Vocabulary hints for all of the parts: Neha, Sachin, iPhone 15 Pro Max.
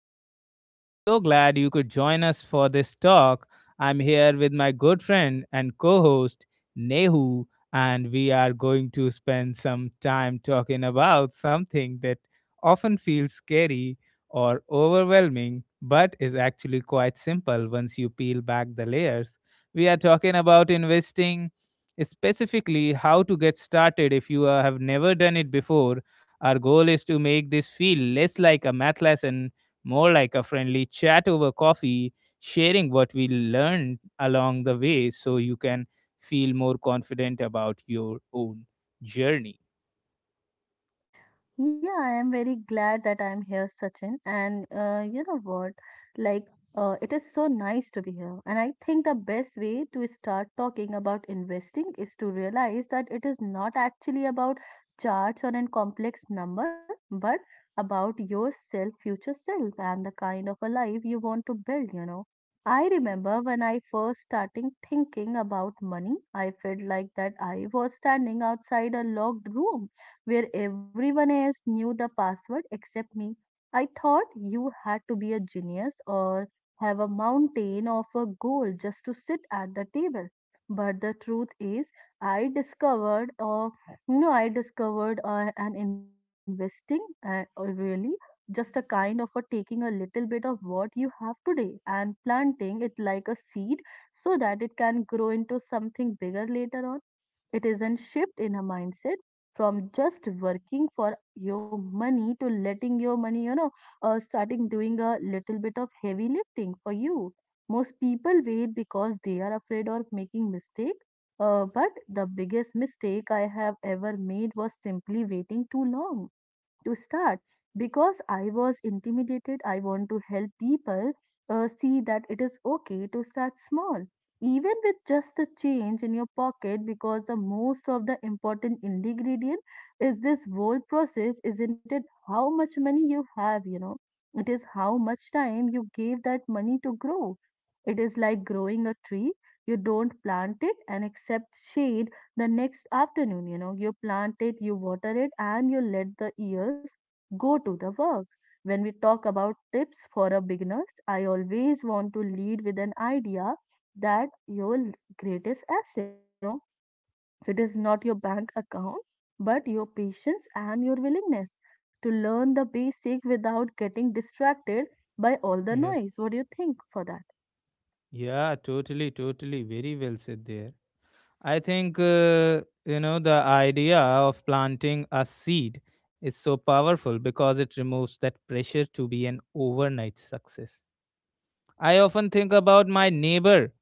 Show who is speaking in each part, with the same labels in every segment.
Speaker 1: today. I'm so glad you could join us for this talk. I'm here with my good friend and co host, Nehu, and we are going to spend some time talking about something that often feels scary or overwhelming, but is actually quite simple once you peel back the layers. We are talking about investing, specifically how to get started if you have never done it before. Our goal is to make this feel less like a math lesson, more like a friendly chat over coffee, sharing what we learned along the way so you can feel more confident about your own journey.
Speaker 2: Yeah, I am very glad that I'm here, Sachin. And you know what? Like, it is so nice to be here. And I think the best way to start talking about investing is to realize that it is not actually about charts or a complex number, but about yourself, future self, and the kind of a life you want to build, you know. I remember when I first starting thinking about money, I felt like that I was standing outside a locked room where everyone else knew the password except me. I thought you had to be a genius or have a mountain of a gold just to sit at the table. But the truth is, I discovered, or you know, I discovered an investing, really just a kind of a taking a little bit of what you have today and planting it like a seed so that it can grow into something bigger later on. It is a shift in a mindset from just working for your money to letting your money, you know, starting doing a little bit of heavy lifting for you. Most people wait because they are afraid of making mistake. But the biggest mistake I have ever made was simply waiting too long to start because I was intimidated. I want to help people see that it is okay to start small even with just a change in your pocket because the most of the important ingredient is this whole process, isn't it, how much money you have, you know. It is how much time you gave that money to grow. It is like growing a tree. You don't plant it and accept shade the next afternoon. You know, you plant it, you water it, and you let the years go to the work. When we talk about tips for a beginners, I always want to lead with an idea that your greatest asset, you know, it is not your bank account but your patience and your willingness to learn the basic without getting distracted by all the
Speaker 1: Yeah.
Speaker 2: noise. What do you think for that?
Speaker 1: Yeah, totally, totally. Very well said there. I think, you know, the idea of planting a seed is so powerful because it removes that pressure to be an overnight success. I often think about my neighbor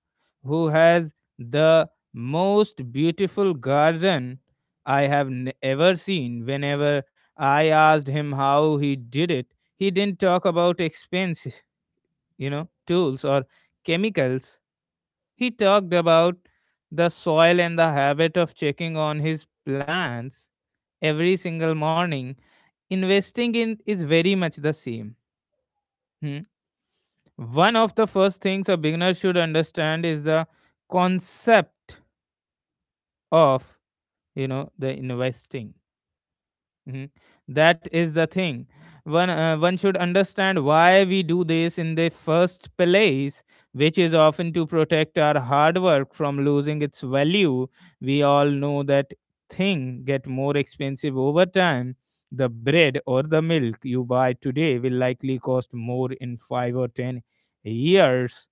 Speaker 1: who has the most beautiful garden I have ever seen. Whenever I asked him how he did it, he didn't talk about expense, you know, tools or chemicals. He talked about the soil and the habit of checking on his plants every single morning. Investing in is very much the same. Hmm? One of the first things a beginner should understand is the concept of, you know, the investing. Mhm. That is the thing. One should understand why we do this in the first place, which is often to protect our hard work from losing its value. We all know that thing get more expensive over time. The bread or the milk you buy today will likely cost more in 5 or 10 years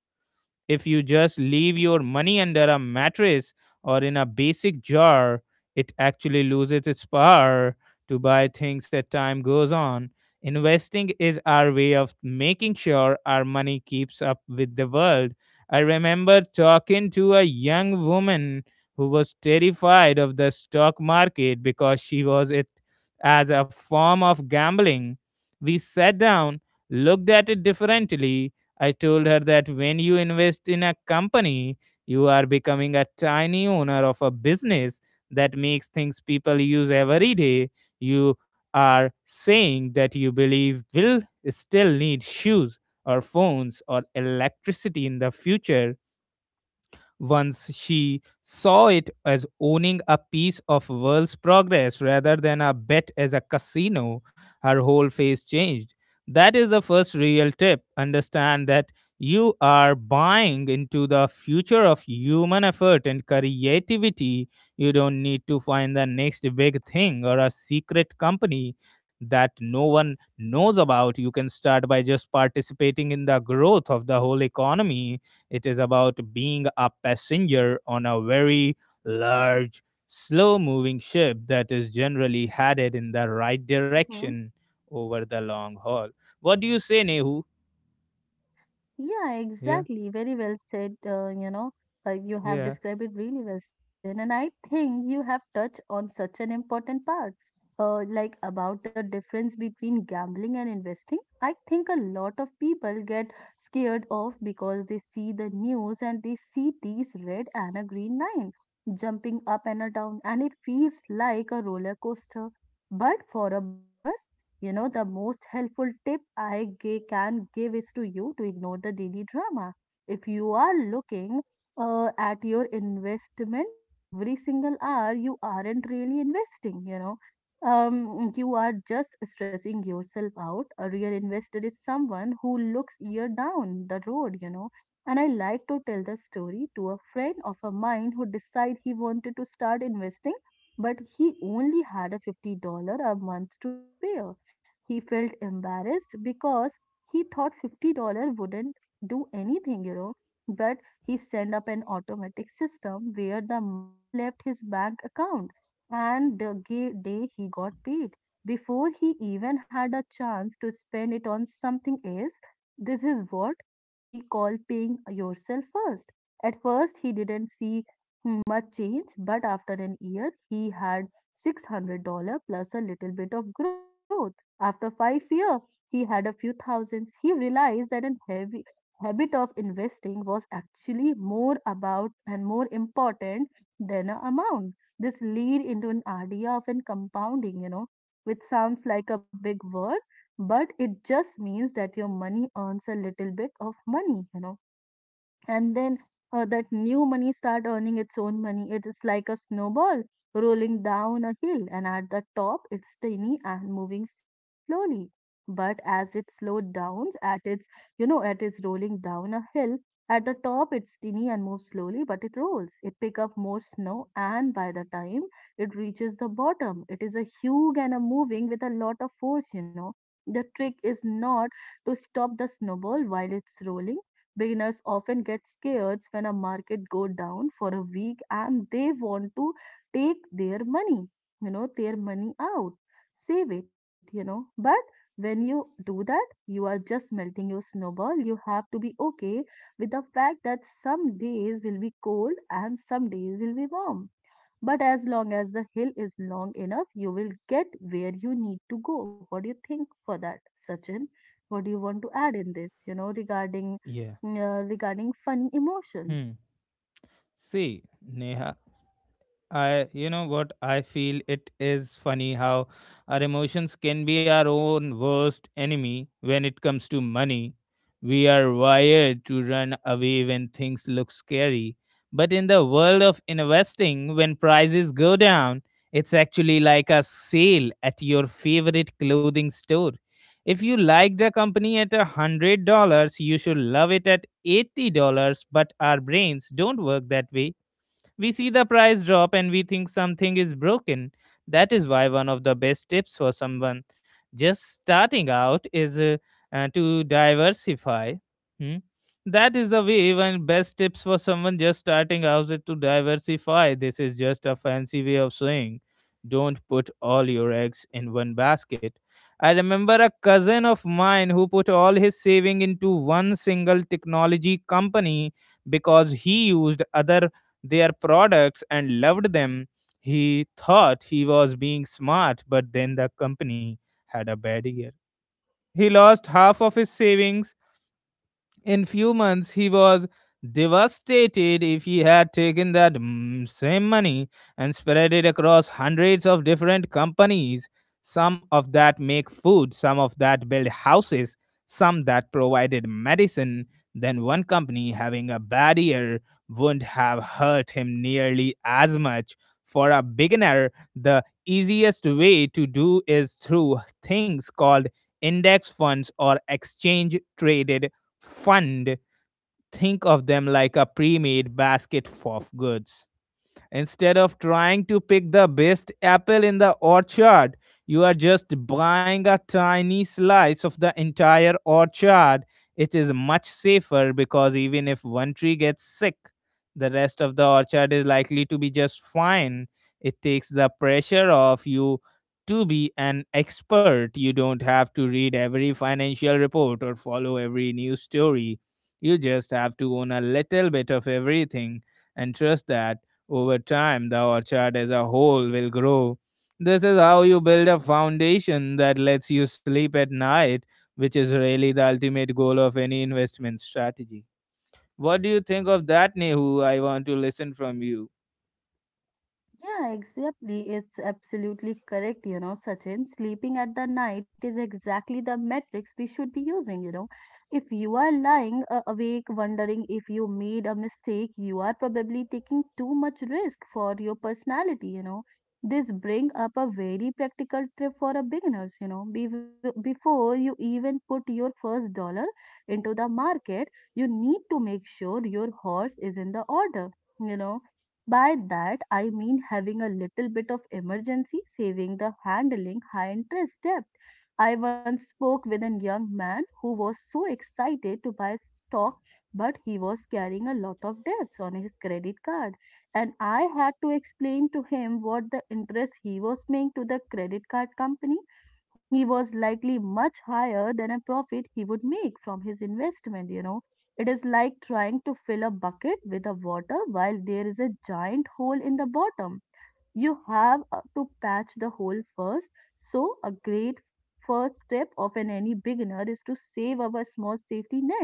Speaker 1: if you just leave your money under a mattress or in a basic jar, it actually loses its power to buy things as time goes on. Investing is our way of making sure our money keeps up with the world. I remember talking to a young woman who was terrified of the stock market because she was it as a form of gambling. We sat down, looked at it differently. I told her that when you invest in a company, you are becoming a tiny owner of a business that makes things people use every day. You are saying that you believe will still need shoes or phones or electricity in the future. Once she saw it as owning a piece of world's progress rather than a bet as a casino, her whole face changed. That is the first real tip. Understand that you are buying into the future of human effort and creativity. You don't need to find the next big thing or a secret company that no one knows about. You can start by just participating in the growth of the whole economy. It is about being a passenger on a very large, slow moving ship that is generally headed in the right
Speaker 2: Mhm.
Speaker 1: direction over the long haul. What do you say, Nehu?
Speaker 2: Yeah,
Speaker 1: Yeah,
Speaker 2: exactly. Very well said. You know, you have
Speaker 1: yeah,
Speaker 2: described it really well, Sachin. And I think you have touched on such an important part, like about the difference between gambling and investing. I think a lot of people get scared off because they see the news and they see these red and a green line jumping up and a down, and it feels like a roller coaster. But for a beginners, you know, the most helpful tip can give is to you to ignore the daily drama. If you are looking at your investment every single hour, you aren't really investing, you know. You are just stressing yourself out. A real investor is someone who looks year down the road, you know. And I like to tell the story to a friend of a mine who decided he wanted to start investing, but he only had a $50 a month to spare. He felt embarrassed because he thought $50 wouldn't do anything, you know. But he set up an automatic system where the money left his bank account. And day he got paid, before he even had a chance to spend it on something else, this is what we call paying yourself first. At first, he didn't see much change, but after an year, he had $600 plus a little bit of growth. After 5 years, he had a few thousands. He realized that a heavy habit of investing was actually more about and more important than an amount. This lead into an idea of an compounding, you know, which sounds like a big word, but it just means that your money earns a little bit of money, you know, and then that new money start earning its own money. It is like a snowball rolling down a hill, and at the top it's tiny and moving slowly. But as it slowed down at its, you know, at its rolling down a hill, at the top it's tiny and moves slowly, but it rolls, it pick up more snow, and by the time it reaches the bottom, it is a huge and a moving with a lot of force, you know. The trick is not to stop the snowball while it's rolling. Beginners often get scared when a market go down for a week and they want to take their money, you know, their money out, save it, you know. But when you do that, you are just melting your snowball. You have to be okay with the fact that some days will be cold and some days will be warm. But as long as the hill is long enough, you will get where you need to go. What do you think for that, Sachin? What do you want to add in this, you know, regarding
Speaker 1: yeah.
Speaker 2: regarding funny emotions?
Speaker 1: Hmm. See, Neha, I, you know what, I feel it is funny how our emotions can be our own worst enemy when it comes to money. We are wired to run away when things look scary. But in the world of investing, when prices go down, it's actually like a sale at your favorite clothing store. If you like the company at a $100, you should love it at $80, but our brains don't work that way. We see the price drop and we think something is broken. That is why one of the best tips for someone just starting out is to diversify. Hmm? That is the way one best tips for someone just starting out is to diversify. This is just a fancy way of saying don't put all your eggs in one basket. I remember a cousin of mine who put all his saving into one single technology company because he used other their products and loved them. He thought he was being smart, but then the company had a bad year. He lost half of his savings in few months, he was devastated. If he had taken that same money and spread it across hundreds of different companies. Some of that make food, some of that build houses, some that provided medicine. Then one company having a bad year wouldn't have hurt him nearly as much. For a beginner, the easiest way to do is through things called index funds or exchange traded fund, think of them like a pre made basket of goods. Instead of trying to pick the best apple in the orchard, you are just buying a tiny slice of the entire orchard. It is much safer because even if one tree gets sick, the rest of the orchard is likely to be just fine. It takes the pressure off you to be an expert. You don't have to read every financial report or follow every news story. You just have to own a little bit of everything and trust that over time, the orchard as a whole will grow. This is how you build a foundation that lets you sleep at night, which is really the ultimate goal of any investment strategy. What do you think of that, Nehu? I want to listen from you.
Speaker 2: Yeah, exactly. It's absolutely correct, you know, Sachin. Sleeping at the night is exactly the metrics we should be using, you know. If you are lying awake wondering if you made a mistake, you are probably taking too much risk for your personality, you know. This bring up a very practical tip for a beginners, you know. Be before you even put your first dollar into the market, you need to make sure your horse is in the order. You know, by that, I mean having a little bit of emergency saving the handling high interest debt. I once spoke with a young man who was so excited to buy stock, but he was carrying a lot of debts on his credit card. And I had to explain to him what the interest he was paying to the credit card company. He was likely much higher than a profit he would make from his investment, you know. It is like trying to fill a bucket with a water while there is a giant hole in the bottom. You have to patch the hole first. So, a great first step of an any beginner is to save our small safety net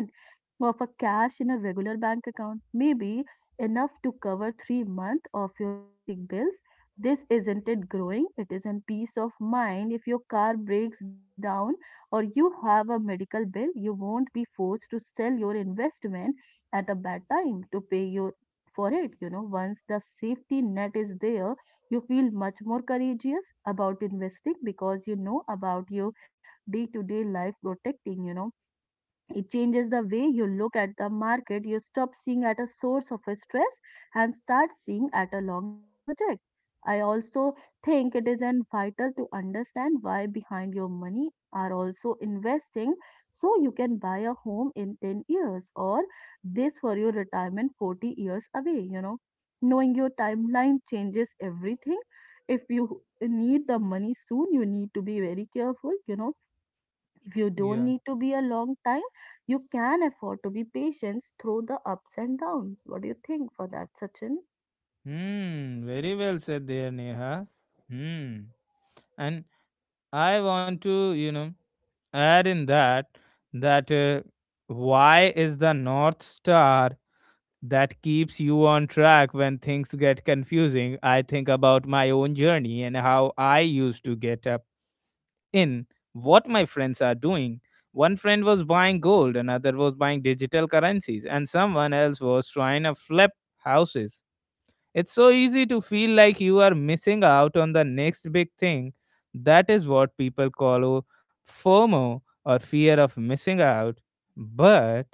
Speaker 2: of a cash in a regular bank account may be enough to cover 3 months of your basic bills. This isn't it growing, it isn't peace of mind. If your car breaks down or you have a medical bill, you won't be forced to sell your investment at a bad time to pay your for it. You know, once the safety net is there, you feel much more courageous about investing because you know about your day to day life protecting, you know. It changes the way you look at the market. You stop seeing at a source of a stress and start seeing at a long time project. I also think it is an vital to understand why behind your money are also investing, so you can buy a home in 10 years or this for your retirement 40 years away, you know. Knowing your timeline changes everything. If you need the money soon, you need to be very careful, you know. If you
Speaker 1: Yeah.
Speaker 2: don't need to be a long time, you can afford to be patient through the ups and downs. What do you think for that, Sachin?
Speaker 1: Hmm, very well said there, Neha. Hmm. And I want to, you know, add in that why is the North Star that keeps you on track when things get confusing. I think about my own journey and how I used to get up in what my friends are doing. One friend was buying gold, another was buying digital currencies, and someone else was trying to flip houses. It's so easy to feel like you are missing out on the next big thing. That is what people call FOMO or fear of missing out. But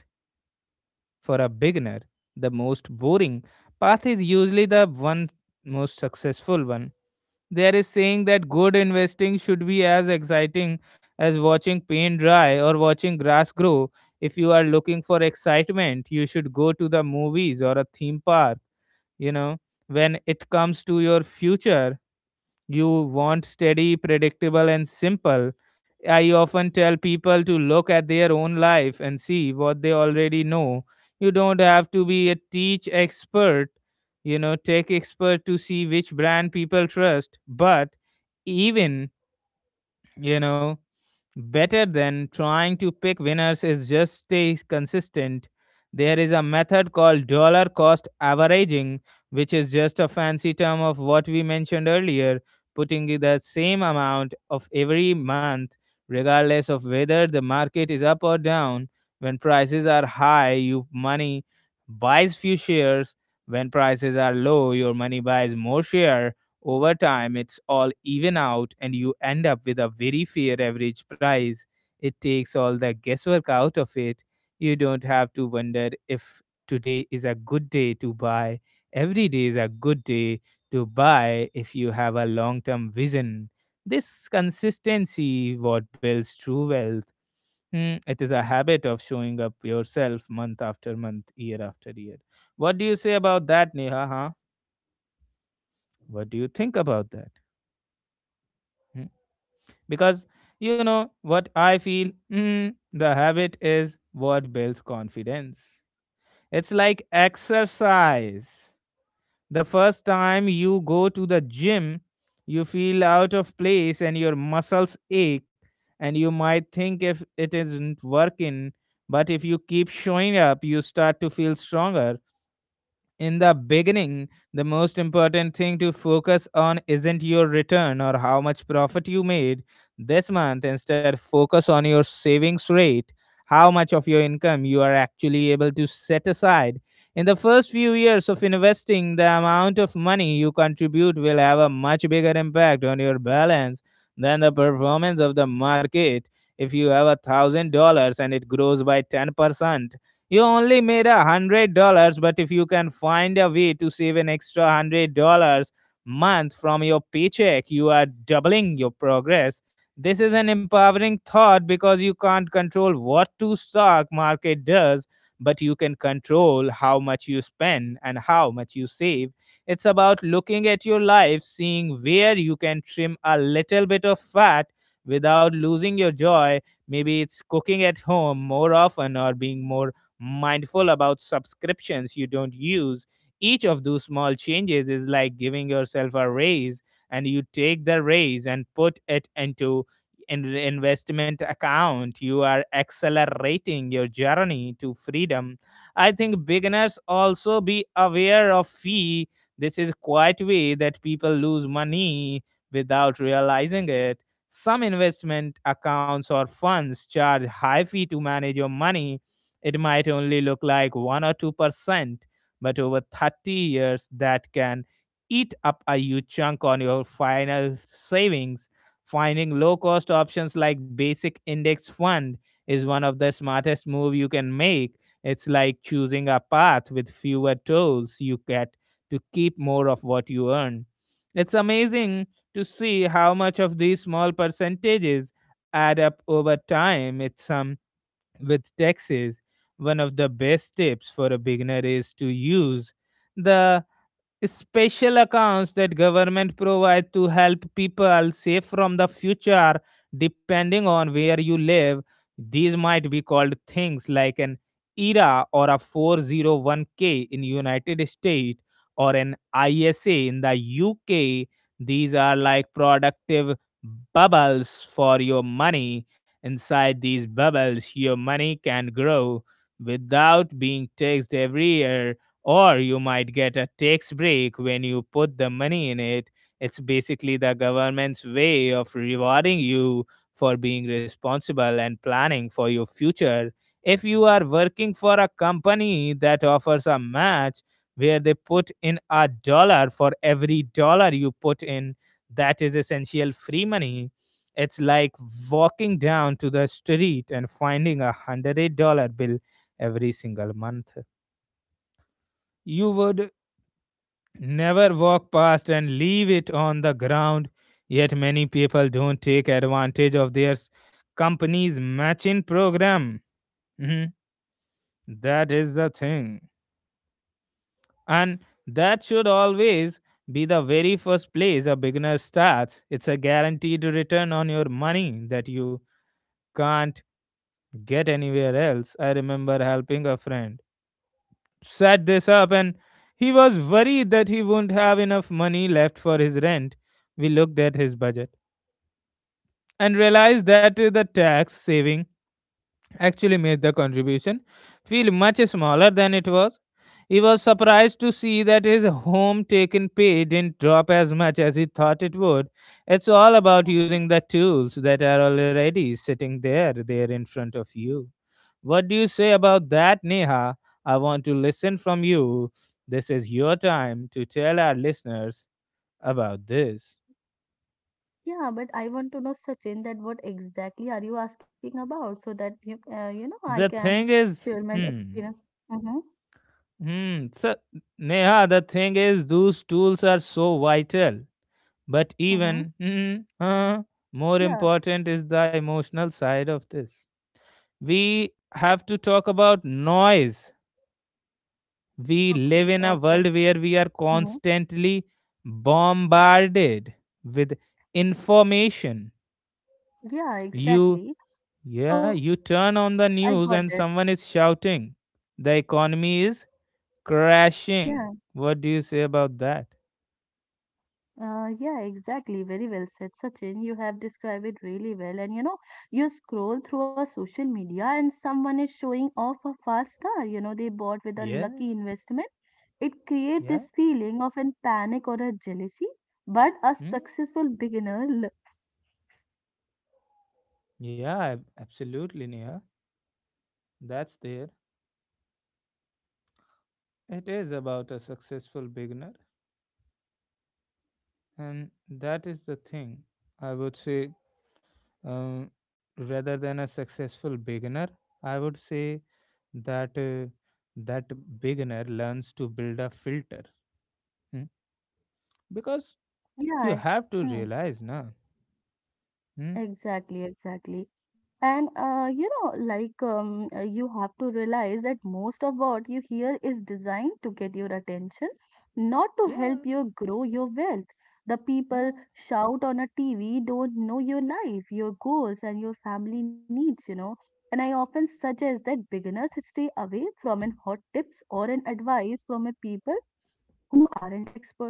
Speaker 1: for a beginner, the most boring path is usually the one most successful one. There is saying that good investing should be as exciting as watching paint dry or watching grass grow. If you are looking for excitement, you should go to the movies or a theme park, you know. When it comes to your future, you want steady, predictable, and simple. I often tell people to look at their own life and see what they already know. You don't have to be a teach expert, you know, tech expert to see which brand people trust, but even, you know, better than trying to pick winners is just stay consistent. There is a method called dollar cost averaging, which is just a fancy term of what we mentioned earlier, putting in the same amount of every month, regardless of whether the market is up or down. When prices are high, you money buys few shares. When prices are low, your money buys more share. Over time, it's all even out, and you end up with a very fair average price. It takes all the guesswork out of it. You don't have to wonder if today is a good day to buy. Every day is a good day to buy if you have a long term vision. This consistency what builds true wealth. Hmm, it is a habit of showing up yourself month after month, year after year. What do you say about that, Neha? Huh? What do you think about that? Hmm? Because you know what I feel, the habit is what builds confidence. It's like exercise. The first time you go to the gym, you feel out of place and your muscles ache, and you might think if it isn't working, but if you keep showing up you start to feel stronger. In the beginning, the most important thing to focus on isn't your return or how much profit you made this month. Instead, focus on your savings rate, how much of your income you are actually able to set aside. In the first few years of investing, the amount of money you contribute will have a much bigger impact on your balance than the performance of the market. If you have $1,000 and it grows by 10%, you only made $100, but if you can find a way to save an extra $100 month from your paycheck, you are doubling your progress. This is an empowering thought because you can't control what to stock market does, but you can control how much you spend and how much you save. It's about looking at your life, seeing where you can trim a little bit of fat without losing your joy. Maybe it's cooking at home more often or being more mindful about subscriptions you don't use. Each of those small changes is like giving yourself a raise, and you take the raise and put it into an investment account. You are accelerating your journey to freedom. I think beginners also be aware of fee. This is quite way that people lose money without realizing it. Some investment accounts or funds charge high fee to manage your money. It might only look like 1 or 2%, but over 30 years, that can eat up a huge chunk on your final savings. Finding low cost options like basic index fund is one of the smartest move you can make. It's like choosing a path with fewer tolls. You get to keep more of what you earn. It's amazing to see how much of these small percentages add up over time. It's some with taxes. One of the best tips for a beginner is to use the special accounts that government provide to help people save from the future. Depending on where you live, these might be called things like an era or a 401k in United States, or an isa in the UK. These are like productive bubbles for your money. Inside these bubbles, your money can grow without being taxed every year, or you might get a tax break when you put the money in it. It's basically the government's way of rewarding you for being responsible and planning for your future. If you are working for a company that offers a match where they put in a dollar for every dollar you put in, that is essential free money. It's like walking down to the street and finding $100 bill every single month. You would never walk past and leave it on the ground. Yet many people don't take advantage of their company's matching program. Mhm. That is the thing. And that should always be the very first place a beginner starts. It's a guaranteed return on your money that you can't get anywhere else. I remember helping a friend set this up, and he was worried that he wouldn't have enough money left for his rent. We looked at his budget and realized that the tax saving actually made the contribution feel much smaller than it was. He was surprised to see that his home taken pay didn't drop as much as he thought it would. It's all about using the tools that are already sitting there in front of you. What do you say about that, Neha? I want to listen from you. This is your time to tell our listeners about this.
Speaker 2: Yeah, but I want to know, Sachin, that what exactly are you asking about so that you, you know, I
Speaker 1: The
Speaker 2: can
Speaker 1: thing is,
Speaker 2: share my
Speaker 1: hmm.
Speaker 2: experience. Mm-hmm.
Speaker 1: Hmm. So, Neha, the thing is, those tools are so vital. But
Speaker 2: Mm-hmm.
Speaker 1: even more
Speaker 2: Yeah.
Speaker 1: important is the emotional side of this. We have to talk about noise. We
Speaker 2: Okay.
Speaker 1: live in a
Speaker 2: Okay.
Speaker 1: world where we are
Speaker 2: Mm-hmm.
Speaker 1: constantly bombarded with information.
Speaker 2: Yeah,
Speaker 1: You,
Speaker 2: exactly. So
Speaker 1: yeah, you turn on the
Speaker 2: I got
Speaker 1: news
Speaker 2: it.
Speaker 1: and someone is shouting, the economy is
Speaker 2: Yeah.
Speaker 1: crashing. What do you say about that?
Speaker 2: Yeah, exactly. Very well said, Sachin. You have described it really well. And you know, you scroll through a social media and someone is showing off a fast car, you know, they bought with a
Speaker 1: Yeah.
Speaker 2: lucky investment. It creates
Speaker 1: Yeah.
Speaker 2: this feeling of an panic or a jealousy, but a
Speaker 1: Hmm.
Speaker 2: successful beginner, l-
Speaker 1: Yeah, absolutely, Neha. That's there. It is about a successful beginner, and that is the thing. I would say, um, rather than a successful beginner, I would say that uh, that beginner learns to build a filter. Hmm. Because you
Speaker 2: yeah,
Speaker 1: have to
Speaker 2: hmm.
Speaker 1: realize, na. Hmm.
Speaker 2: Exactly, exactly. And you know, you have to realize that most of what you hear is designed to get your attention, not to help
Speaker 1: Yeah.
Speaker 2: you grow your wealth. The people
Speaker 1: Yeah.
Speaker 2: shout on a TV don't know your life, your goals, and your family needs, you know. And I often suggest that beginners stay away from an hot tips or an advice from a people who aren't expert.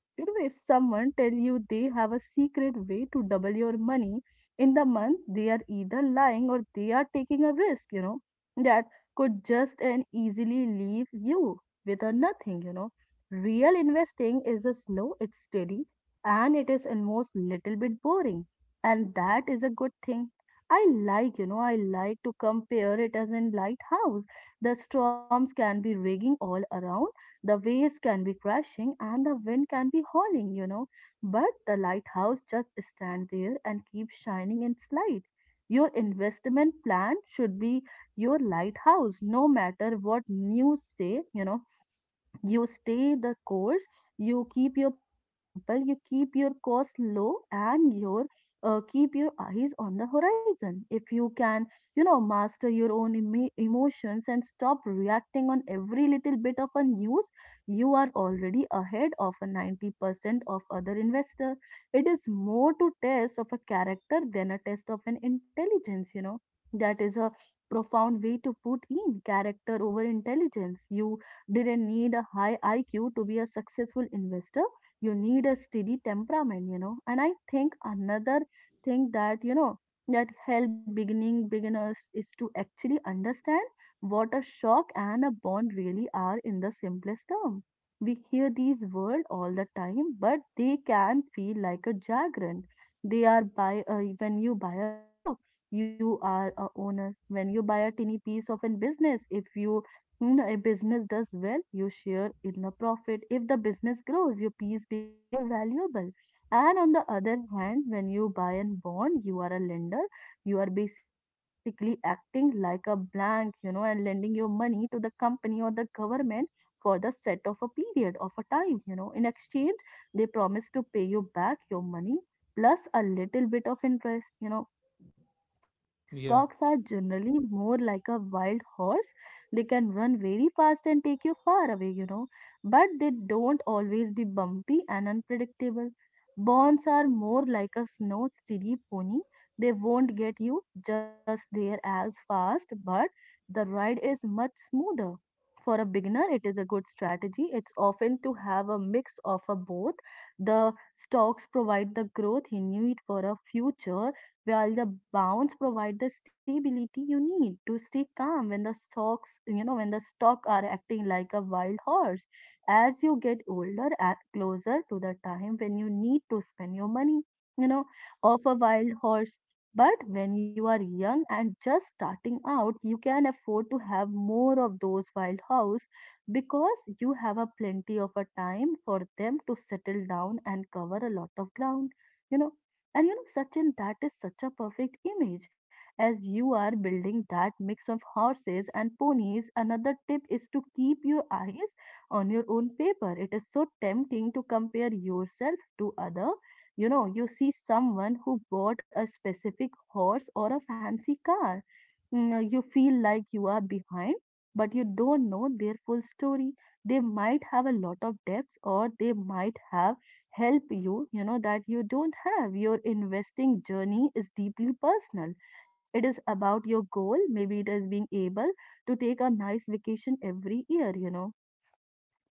Speaker 2: You know, if someone tell you they have a secret way to double your money in the month, they are either lying or they are taking a risk, you know, that could just and easily leave you with a nothing, you know. Real investing is a slow, it's steady, and it is almost little bit boring. And that is a good thing. I like, you know, I like to compare it as in lighthouse. The storms can be raging all around the waves can be crashing and the wind can be howling, but the lighthouse just stand there and keep shining its light. Your investment plan should be your lighthouse, no matter what news say, you stay the course, you keep your plans simple, you keep your cost low, and your keep your eyes on the horizon. If you can, master your own emotions and stop reacting on every little bit of a news, you are already ahead of a 90% of other investor. It is more to test of a character than a test of an intelligence. That is a profound way to put in character over intelligence. You didn't need a high IQ to be a successful investor. You need a steady temperament. And I think another thing that help beginning beginners is to actually understand what a shock and a bond really are in the simplest term. We hear these words all the time, but they can feel like a jargon. They are by When you buy a shock, you are a owner. When you buy a tiny piece of a business, if you know, a business does well, you share in the profit. If the business grows, your piece become more valuable. And on the other hand, when you buy and bond, you are a lender. You are basically acting like a blank, and lending your money to the company or the government for the set of a period of a time. In exchange, they promise to pay you back your money plus a little bit of interest.
Speaker 1: Yeah.
Speaker 2: Stocks are generally more like a wild horse. They can run very fast and take you far away, but they don't always be bumpy and unpredictable. Bonds are more like a snow steady pony. They won't get you just there as fast, but the ride is much smoother. For a beginner, it is a good strategy. It's often to have a mix of a both. The stocks provide the growth you need for a future while the bounds provide the stability you need to stay calm when the stock are acting like a wild horse. As you get older and closer to the time when you need to spend your money, you know, of a wild horse. But when you are young and just starting out, you can afford to have more of those wild horse because you have a plenty of a time for them to settle down and cover a lot of ground you know and you know, Sachin, that is such a perfect image as you are building that mix of horses and ponies. Another tip is to keep your eyes on your own paper. It is so tempting to compare yourself to other. You see someone who bought a specific horse or a fancy car. You feel like you are behind, but you don't know their full story. They might have a lot of debts or they might have help you, that you don't have. Your investing journey is deeply personal. It is about your goal. Maybe it is being able to take a nice vacation every year,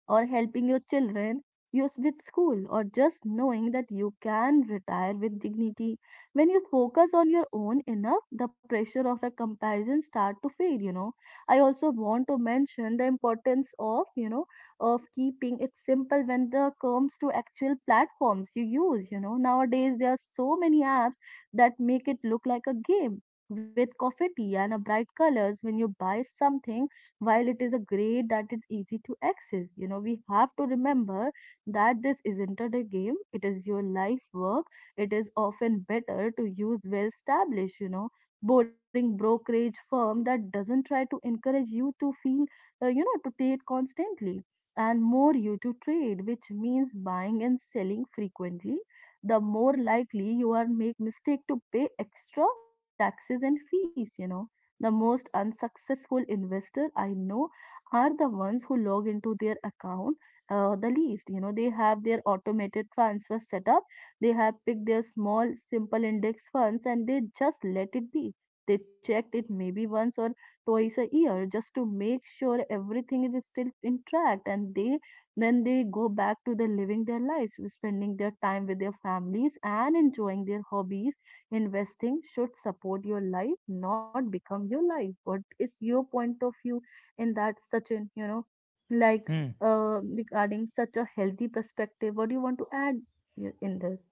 Speaker 2: or helping your children you with school or just knowing that you can retire with dignity when you focus on your own enough the pressure of a comparison start to fade. I also want to mention the importance of you know of keeping it simple when the comes to actual platforms you use. Nowadays there are so many apps that make it look like a game with confetti and a bright colors when you buy something while it is a grade that is easy to access. We have to remember that this isn't a game, it is your life work. It is often better to use well established, boring brokerage firm that doesn't try to encourage you to feel, to trade constantly and more you to trade, which means buying and selling frequently the more likely you are make mistake to pay extra in taxes and fees. The most unsuccessful investor I know are the ones who log into their account the least. They have their automated transfer set up, they have picked their small, simple index funds, and they just let it be. They checked it maybe once or twice a year just to make sure everything is still in track and they then they go back to the living their lives, spending their time with their families and enjoying their hobbies. Investing should support your life, not become your life. What is your point of view in that, Sachin? Like,
Speaker 1: Hmm.
Speaker 2: regarding such a healthy perspective, what do you want to add here in this?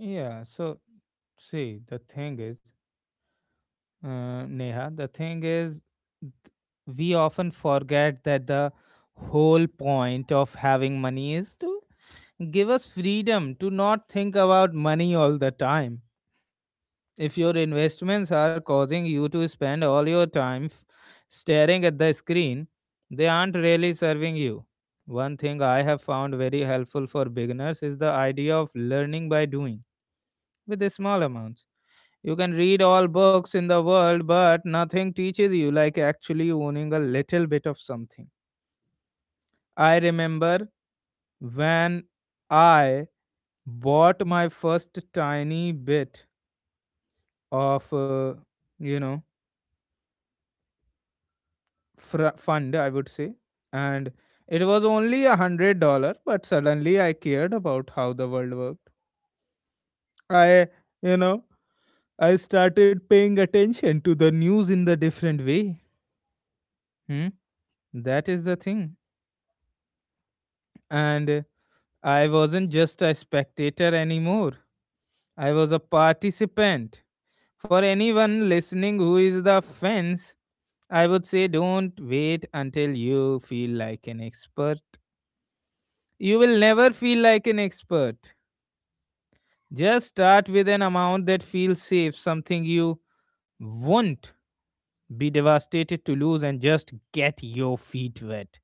Speaker 1: Yeah. So, see, the thing is, Neha. The thing is, th- we often forget that the whole point of having money is to give us freedom to not think about money all the time. If your investments are causing you to spend all your time staring at the screen, they aren't really serving you. One thing I have found very helpful for beginners is the idea of learning by doing with the small amounts. You can read all books in the world, but nothing teaches you like actually owning a little bit of something. I remember when I bought my first tiny bit of, you know, fund, I would say, and it was only $100, but suddenly I cared about how the world worked. I, you know, I started paying attention to the news in the different way. Hmm? That is the thing, and I wasn't just a spectator anymore. I was a participant. For anyone listening who is the fence, I would say don't wait until you feel like an expert. You will never feel like an expert. Just start with an amount that feels safe, something you won't be devastated to lose, and just get your feet wet.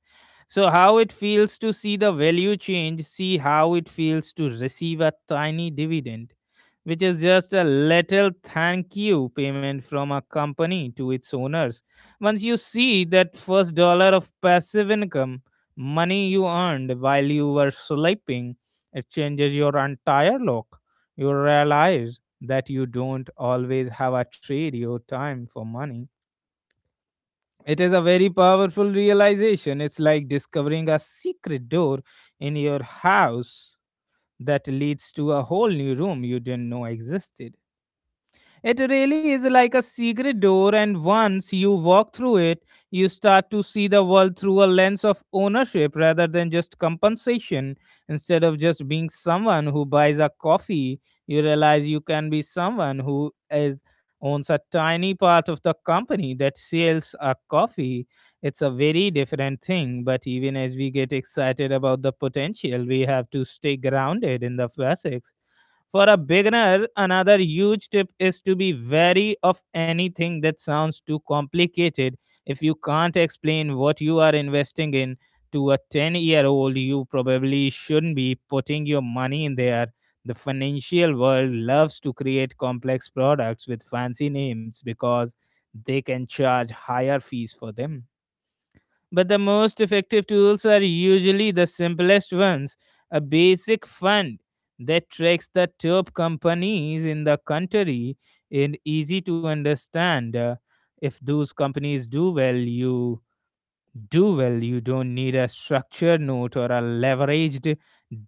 Speaker 1: So, how it feels to see the value change, see how it feels to receive a tiny dividend, which is just a little thank you payment from a company to its owners. Once you see that first dollar of passive income, money you earned while you were sleeping, it changes your entire look. You realize that you don't always have a trade your time for money. It is a very powerful realization. It's like discovering a secret door in your house that leads to a whole new room you didn't know existed. It really is like a secret door, and once you walk through it, you start to see the world through a lens of ownership rather than just compensation. Instead of just being someone who buys a coffee, you realize you can be someone who is owns a tiny part of the company that sells a coffee. It's a very different thing, but even as we get excited about the potential, we have to stay grounded in the basics. For a beginner, another huge tip is to be wary of anything that sounds too complicated. If you can't explain what you are investing in to a 10-year-old, you probably shouldn't be putting your money in there. The financial world loves to create complex products with fancy names because they can charge higher fees for them. But the most effective tools are usually the simplest ones. A basic fund that tracks the top companies in the country and easy to understand. If those companies do well. You don't need a structured note or a leveraged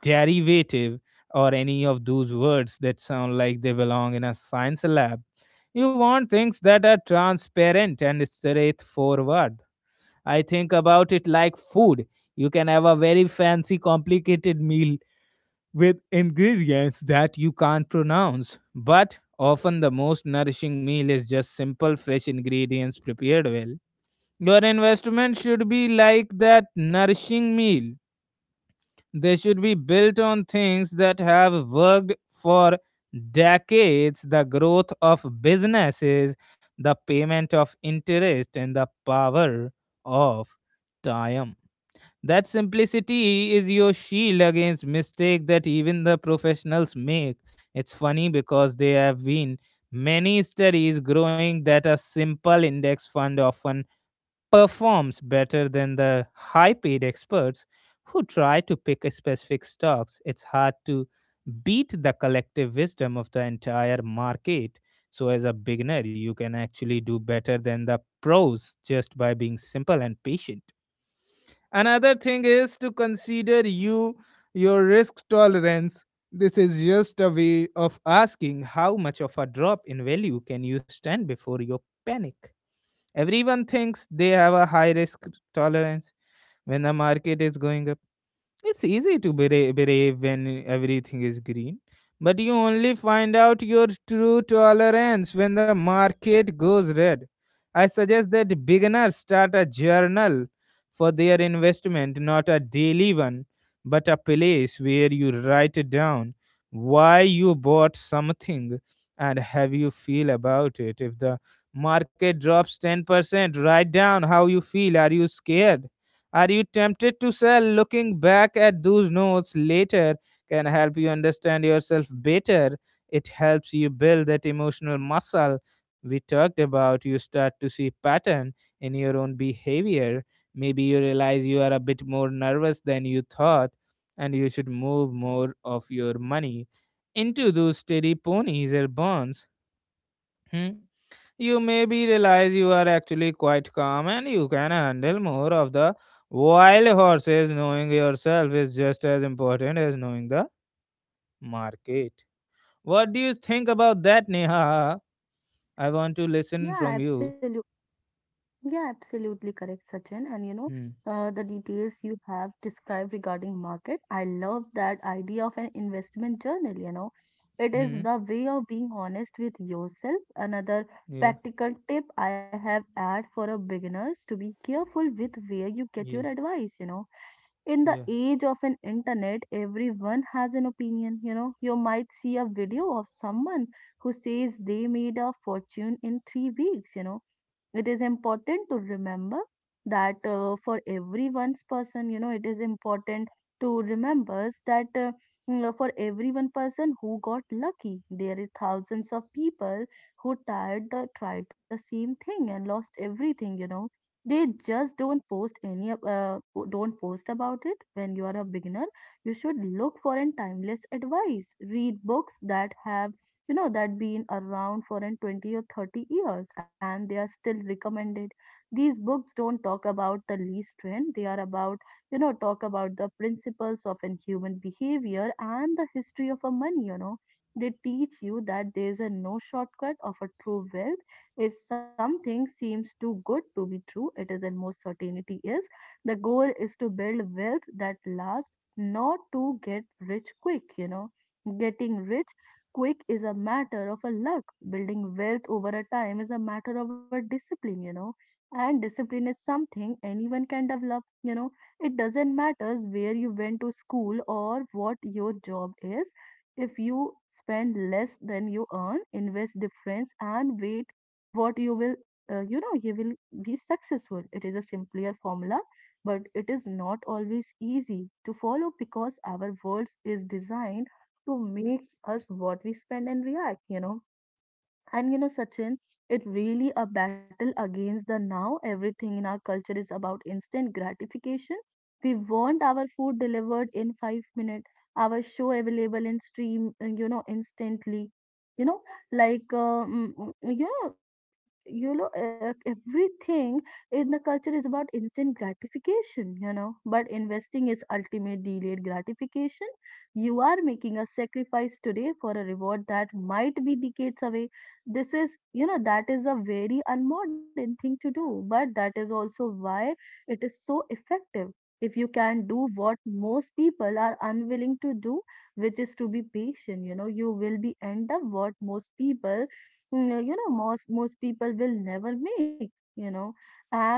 Speaker 1: derivative or any of those words that sound like they belong in a science lab. You want things that are transparent and straightforward. I think about it like food. You can have a very fancy, complicated meal with ingredients that you can't pronounce, but often the most nourishing meal is just simple, fresh ingredients prepared well. Your investment should be like that nourishing meal. They should be built on things that have worked for decades: the growth of businesses, the payment of interest, and the power of time. That simplicity is your shield against mistake that even the professionals make. It's funny because there have been many studies growing that a simple index fund often performs better than the high paid experts who try to pick a specific stocks. It's hard to beat the collective wisdom of the entire market. So as a beginner, you can actually do better than the pros just by being simple and patient. Another thing is to consider your risk tolerance. This is just a way of asking how much of a drop in value can you stand before you panic. Everyone thinks they have a high risk tolerance. When the market is going up, it's easy to believe when everything is green, but you only find out your true tolerance when the market goes red. I suggest that beginners start a journal for their investment, not a daily one, but a place where you write down why you bought something and how you feel about it. If the market drops 10%, write down how you feel. Are you scared? Are you tempted to sell? Looking back at those notes later can help you understand yourself better. It helps you build that emotional muscle we talked about. You start to see pattern in your own behavior. Maybe you realize you are a bit more nervous than you thought and you should move more of your money into those steady ponies or bonds. Hmm? You maybe realize you are actually quite calm and you can handle more of the wild horses. Knowing yourself is just as important as knowing the market. What do you think about that, Neha? I want to listen from
Speaker 2: Yeah,
Speaker 1: you.
Speaker 2: absolutely. Yeah, absolutely correct, Sachin. And
Speaker 1: Hmm.
Speaker 2: the details you have described regarding market, I love that idea of an investment journal. It is
Speaker 1: Hmm.
Speaker 2: the way of being honest with yourself. Another
Speaker 1: Yeah.
Speaker 2: practical tip I have add for a beginners to be careful with where you get your
Speaker 1: Yeah.
Speaker 2: advice. In the
Speaker 1: Yeah.
Speaker 2: age of an internet everyone has an opinion. You might see a video of someone who says they made a fortune in 3 weeks. It is important to remember that for everyone's person, it is important to remember that for every one person who got lucky there is thousands of people who tried the same thing and lost everything. They just don't post about it. When you are a beginner, you should look for an timeless advice read books that have you know that been around for an 20 or 30 years and they are still recommended. These books don't talk about the least trend they are about talk about the principles of an human behavior and the history of a money. They teach you that there is a no shortcut of a true wealth. If something seems too good to be true, it is then most certainty is. The goal is to build wealth that lasts, not to get rich quick. Getting rich quick is a matter of a luck. Building wealth over a time is a matter of a discipline. And discipline is something anyone can develop. It doesn't matter where you went to school or what your job is. If you spend less than you earn, invest difference and wait what you will you know you will be successful it is a simpler formula but it is not always easy to follow because our world is designed to make us what we spend and react. And Sachin, it really a battle against the now. Everything in our culture is about instant gratification. We want our food delivered in 5 minutes, our show available in stream, instantly. You know, like, everything in the culture is about instant gratification. But investing is ultimate delayed gratification. You are making a sacrifice today for a reward that might be decades away this is you know that is a very unmodern thing to do but that is also why it is so effective. If you can do what most people are unwilling to do which is to be patient. You will be end up what most people. Most people will never make you know and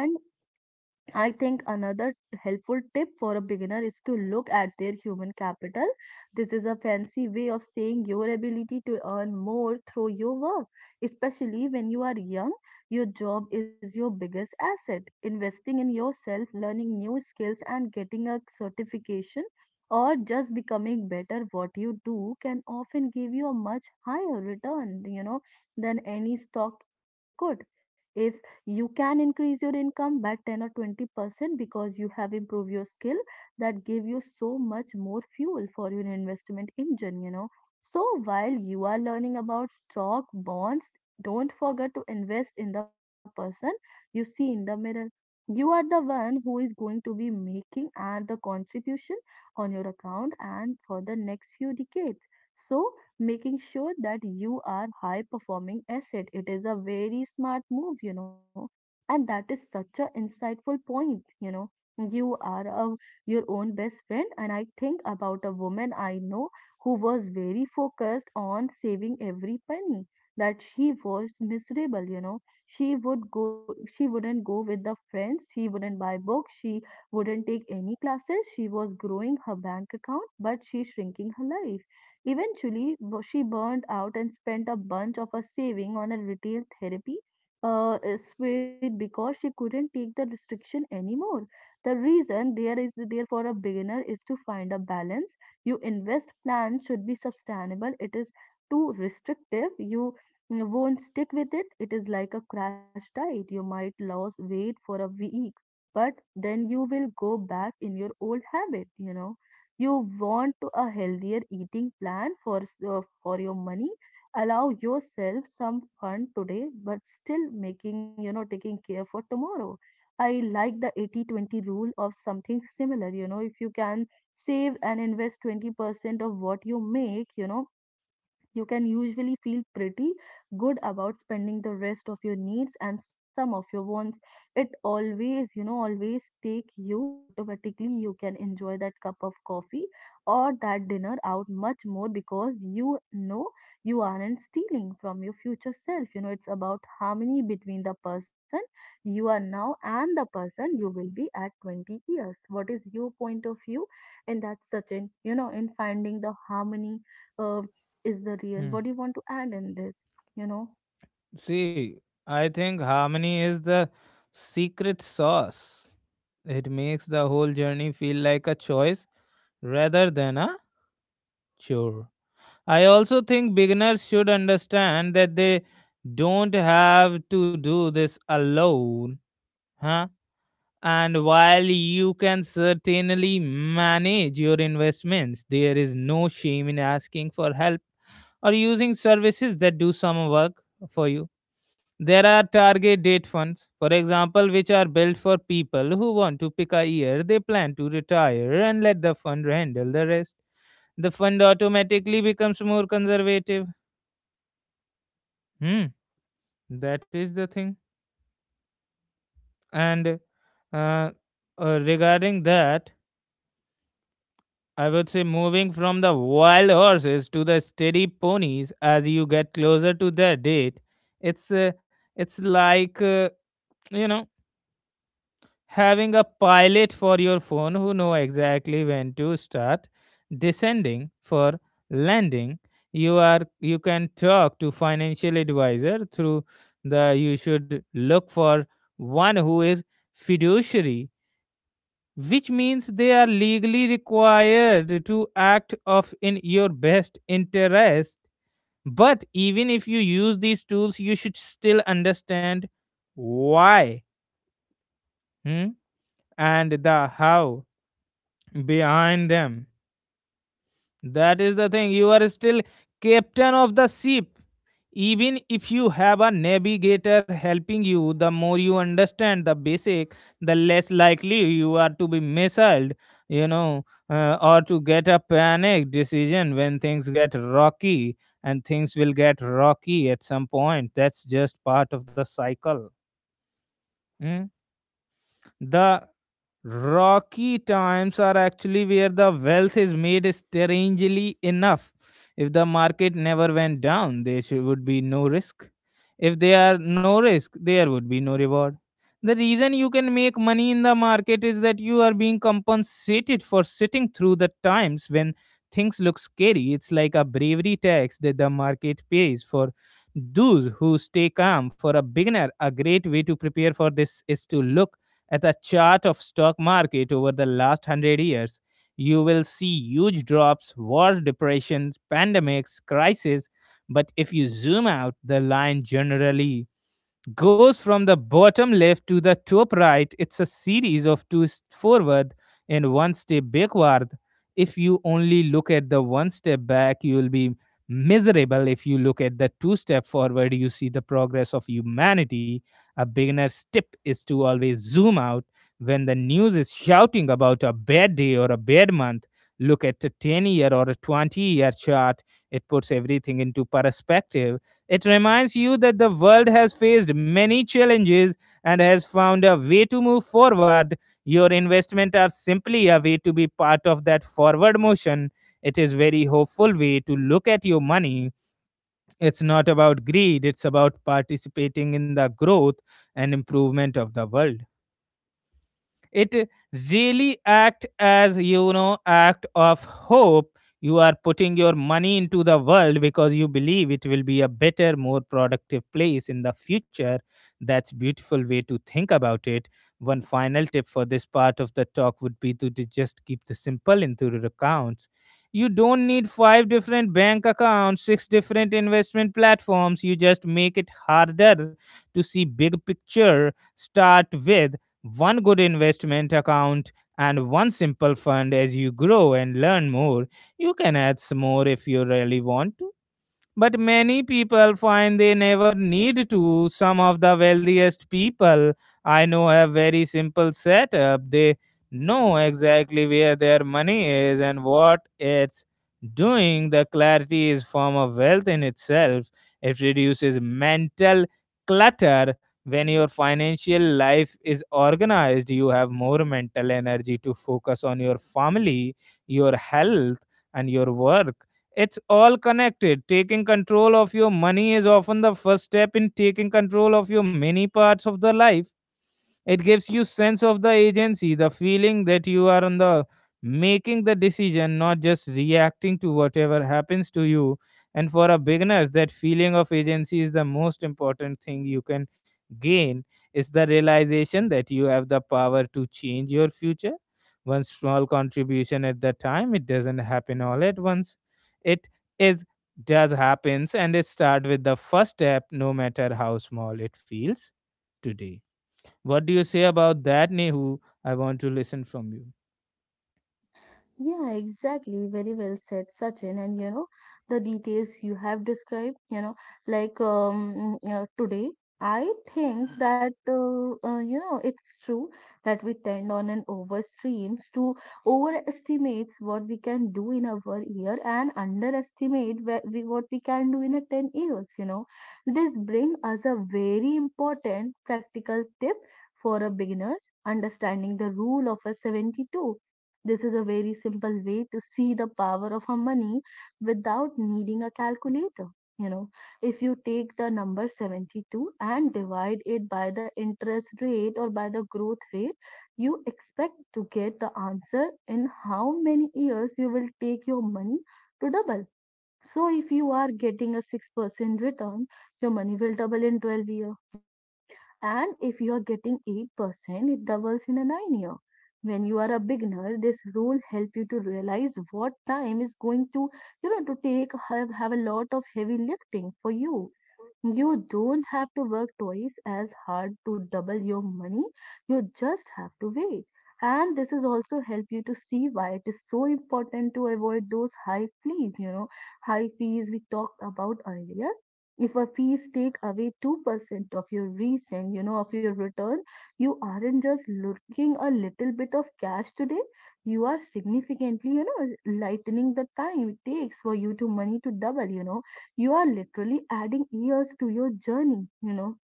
Speaker 2: I think another helpful tip for a beginner is to look at their human capital. This is a fancy way of saying your ability to earn more through your work. Especially when you are young, your job is your biggest asset. Investing in yourself, learning new skills, and getting a certification or just becoming better what you do can often give you a much higher return, than any stock ever could. If you can increase your income by 10 or 20% because you have improved your skill, that give you so much more fuel for your investment engine, you know. So while you are learning about stock bonds, don't forget to invest in the person you see in the mirror. You are the one who is going to be making and the contribution on your account and for the next few decades. So making sure that you are high performing asset it is a very smart move, you know. And that is such a insightful point, you know. you are a, your own best friend. And I think about a woman I know who was very focused on saving every penny that she was miserable, you know. She wouldn't go with the friends, she wouldn't buy books, she wouldn't take any classes. She was growing her bank account but she shrinking her life. Eventually she burned out and spent a bunch of her saving on a retail therapy is Sweet because she couldn't take the restriction anymore. The reason there is there for a beginner is to find a balance. You invest plan should be sustainable. It is too restrictive. You won't stick with it. It is like a crash diet. You might lose weight for a week, but then you will go back in your old habit. You know, you want to a healthier eating plan for for your money. Allow yourself some fun today but still making, taking care for tomorrow. I like the 80/20 rule of something similar, you know. If you can save and invest 20% of what you make, you know, you can usually feel pretty good about spending the rest of your needs and some of your wants. It always, always take you automatically. You can enjoy that cup of coffee or that dinner out much more because, you aren't stealing from your future self, you know. It's about harmony between the person you are now and the person you will be at 20 years. What is your point of view? And that's such an, in finding the harmony uh, is the real.
Speaker 1: Hmm.
Speaker 2: What do you want to add in this? You know?
Speaker 1: See, I think harmony is the secret sauce. It makes the whole journey feel like a choice rather than a chore. I also think beginners should understand that they don't have to do this alone, huh? And while you can certainly manage your investments, there is no shame in asking for help or using services that do some work for you. There are target date funds, for example, which are built for people who want to pick a year they plan to retire and let the fund handle the rest. The fund automatically becomes more conservative. Hmm, that is the thing. And uh, regarding that, I would say moving from the wild horses to the steady ponies as you get closer to the date. It's uh, it's like uh, you know having a pilot for your phone who know exactly when to start descending for landing. You can talk to financial advisor through the you should look for one who is fiduciary, which means they are legally required to act of in your best interest. But even if you use these tools, you should still understand why hmm, and the how behind them. That is the thing. You are still captain of the ship. Even if you have a navigator helping you, the more you understand the basic, the less likely you are to be misled, or to get a panic decision when things get rocky, and things will get rocky at some point. That's just part of the cycle. Mm. The Rocky times are actually where the wealth is made, strangely enough. If the market never went down, there would be no risk. If there are no risk, there would be no reward. The reason you can make money in the market is that you are being compensated for sitting through the times when things look scary. It's like a bravery tax that the market pays for those who stay calm. For a beginner, a great way to prepare for this is to look at a chart of stock market over the last 100 years. You will see huge drops, war, depressions, pandemics, crises. But if you zoom out, the line generally goes from the bottom left to the top right. It's a series of forward and one step backward. If you only look at the one step back, you'll be miserable. If you look at the two step forward, you see the progress of humanity. A beginner's tip is to always zoom out when the news is shouting about a bad day or a bad month. Look at a 10 year or a 20-year chart. It puts everything into perspective. It reminds you that the world has faced many challenges and has found a way to move forward. Your investments are simply a way to be part of that forward motion. It is very hopeful way to look at your money. It's not about greed, it's about participating in the growth and improvement of the world. It really act as act of hope. You are putting your money into the world because you believe it will be a better, more productive place in the future. That's beautiful way to think about it. One final tip for this part of the talk would be to just keep the simple into your accounts. You don't need five different bank accounts, six different investment platforms. You just make it harder to see big picture. Start with one good investment account and one simple fund. As you grow and learn more, you can add some more if you really want, but many people find they never need to. Some of the wealthiest people I know have very simple setup. They know exactly where their money is and what it's doing. The clarity is form of wealth in itself. It reduces mental clutter. When your financial life is organized, you have more mental energy to focus on your family, your health, and your work. It's all connected. Taking control of your money is often the first step in taking control of your many parts of the life. It gives you sense of the agency, the feeling that you are on the making the decision, not just reacting to whatever happens to you. And for a beginners, that feeling of agency is the most important thing you can gain. Is the realization that you have the power to change your future one small contribution at the time. It doesn't happen all at once. It is does happens, and it start with the first step no matter how small it feels today. What do you say about that, Nehu? I want to listen from you.
Speaker 2: Yeah, exactly. Very well said, Sachin. And you know, the details you have described, you know, like today, I think that, it's true that we tend on an overstreams to overestimates what we can do in a 1 year and underestimate where we, what we can do in a 10 years, you know. This brings us a very important practical tip for a beginners understanding the rule of a 72. This is a very simple way to see the power of a money without needing a calculator. You know, if you take the number 72 and divide it by the interest rate or by the growth rate, you expect to get the answer in how many years you will take your money to double. So if you are getting a 6% return, your money will double in 12 years, you know. And if you are getting 8%, it doubles in a 9 year. When you are a beginner, this rule help you to realize what time is going to, to take have, a lot of heavy lifting for you. You don't have to work twice as hard to double your money. You just have to wait. And this is also help you to see why it is so important to avoid those high fees, you know, high fees we talked about earlier. If a fees take away 2% of your recent, of your return, you aren't just looking a little bit of cash today. You are significantly, lightening the time it takes for you to money to double, you know. You are literally adding years to your journey, you know.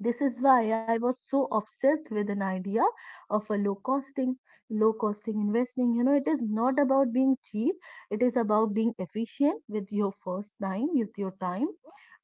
Speaker 2: This is why I was so obsessed with an idea of a low costing investing. You know, it is not about being cheap, it is about being efficient with your first time, with your time.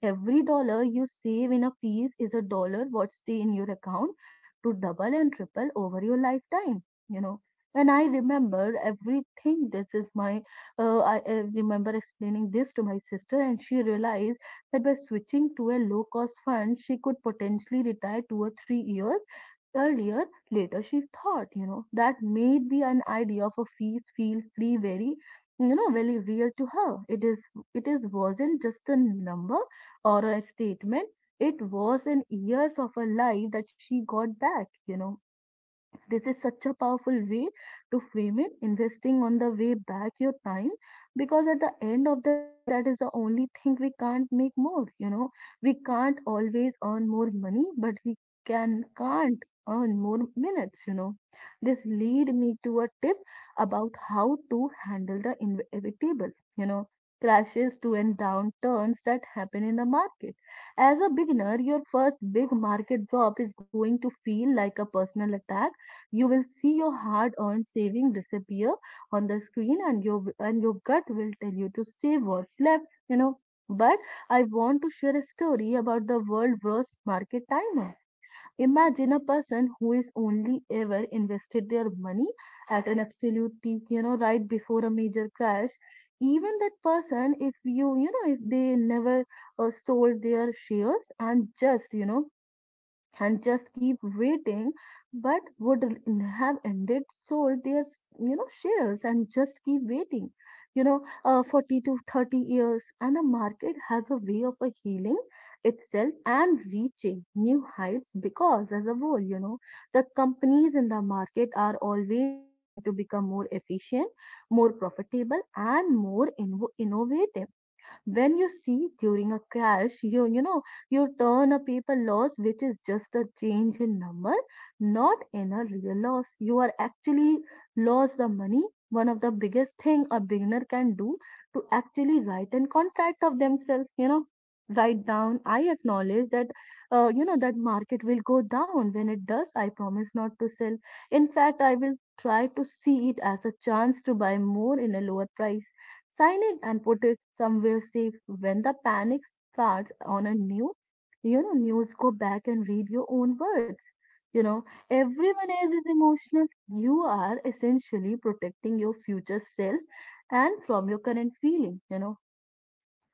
Speaker 2: Every dollar you save in a piece is a dollar what stay in your account to double and triple over your lifetime, you know. And I remember everything. This is my, I remember explaining this to my sister, and she realized that by switching to a low cost fund, she could potentially retire 2 or 3 years earlier. Later, she thought, you know, that may be an idea for fees feel free very, very real to her. It is, it is wasn't just a number or a statement. It was in years of her life that she got back, you know. This is such a powerful way to frame it, investing on the way back your time, because at the end of the day, that is the only thing we can't make more. You know, we can't always earn more money, but we can't earn more minutes. You know, this lead me to a tip about how to handle the inevitable. You know, crashes to and downturns that happen in the market. As a beginner, your first big market drop is going to feel like a personal attack. You will see your hard-earned saving disappear on the screen and your gut will tell you to save what's left, you know. But I want to share a story about the world's worst market timer. Imagine a person who is only ever invested their money at an absolute peak, you know, right before a major crash. Even that person, if you, you know, if they never sold their shares and just, you know, and just keep waiting, but would have ended sold their shares and just keep waiting, you know, 40 to 30 years. And the market has a way of healing itself and reaching new heights because, as a whole, you know, the companies in the market are always trying to become more efficient, more profitable, and more innovative. When you see during a crash, you turn a paper loss, which is just a change in number, not in a real loss. You are actually lost the money. One of the biggest thing a beginner can do to actually write and contract of themselves, you know, write down: I acknowledge that that market will go down. When it does, I promise not to sell. In fact, I will try to see it as a chance to buy more in a lower price. Silent and put it somewhere safe. When the panic starts on a new, news. Go back and read your own words. You know, everyone else is emotional. You are essentially protecting your future self and from your current feeling. You know,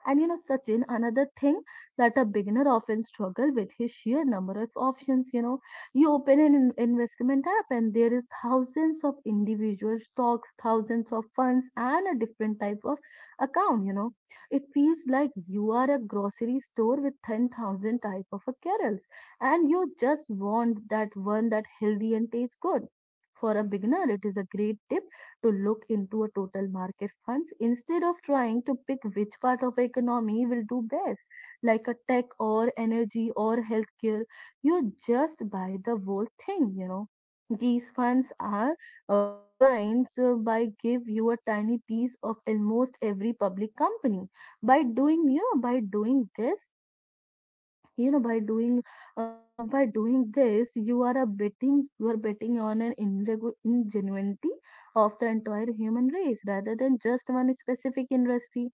Speaker 2: and you know, Sachin, another thing that a beginner often struggle with is sheer number of options. You know, you open an investment app and there is thousands of individual stocks, thousands of funds, and a different type of account. You know, it feels like you are a grocery store with 10,000 type of a carols, and you just want that one that healthy and tastes good. For a beginner, it is a great tip to look into a total market funds instead of trying to pick which part of the economy will do best, like a tech or energy or healthcare. You just buy the whole thing, you know. These funds are designed by give you a tiny piece of almost every public company. By doing you know, by doing this, you know by doing this you are a betting, you are betting on an ingenuity of the entire human race rather than just one specific industry.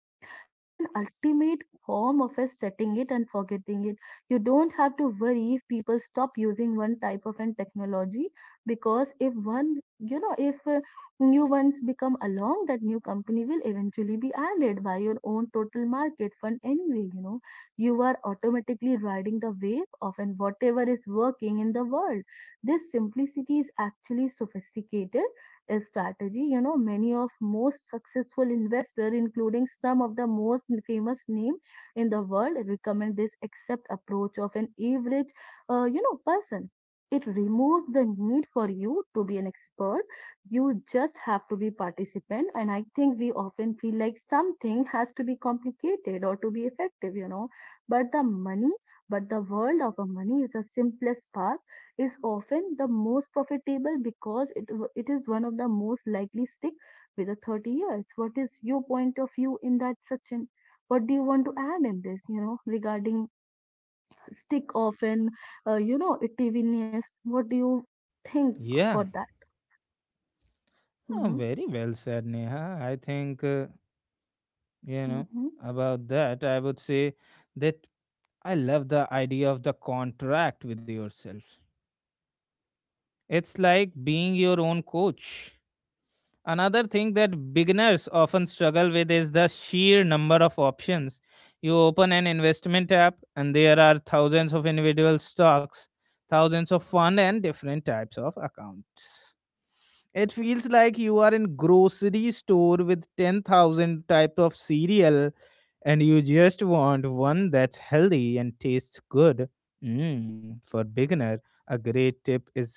Speaker 2: It is an ultimate form of a setting it and forgetting it. You don't have to worry if people stop using one type of an technology because if new ones become along, that new company will eventually be added by your own total market fund anyway, you know. You are automatically riding the wave of and whatever is working in the world. This simplicity is actually sophisticated a strategy, you know. Many of most successful investors including some of the most famous name in the world recommend this accept approach of an average, person. It removes the need for you to be an expert. You just have to be participant. And I think we often feel like something has to be complicated or to be effective, you know, but the world of a money is the simplest path is often the most profitable because it is one of the most likely stick with the 30 years. What is your point of view in that section? What do you want to add in this, you know, regarding stick often, ittiviness? What do you think for
Speaker 1: Yeah,
Speaker 2: that?
Speaker 1: oh,
Speaker 2: Mm-hmm.
Speaker 1: very well said, Neha. I think, you know,
Speaker 2: Mm-hmm.
Speaker 1: about that, I would say that I love the idea of the contract with yourself. It's like being your own coach. Another thing that beginners often struggle with is the sheer number of options. You open an investment app, and there are thousands of individual stocks, thousands of fund, and different types of accounts. It feels like you are in grocery store with 10,000 types of cereal, and you just want one that's healthy and tastes good. For beginner, a great tip is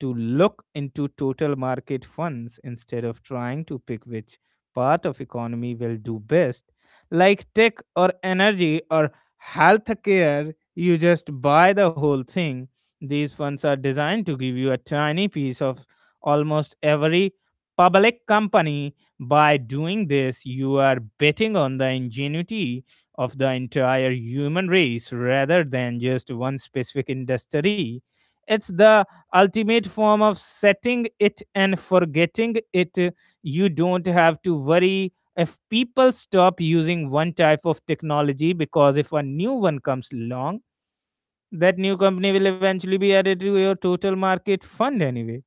Speaker 1: to look into total market funds instead of trying to pick which part of economy will do best. Like tech or energy or healthcare, you just buy the whole thing. These funds are designed to give you a tiny piece of almost every public company. By doing this, you are betting on the ingenuity of the entire human race rather than just one specific industry. It's the ultimate form of setting it and forgetting it. You don't have to worry if people stop using one type of technology, because if a new one comes along, that new company will eventually be added to your total market fund anyway.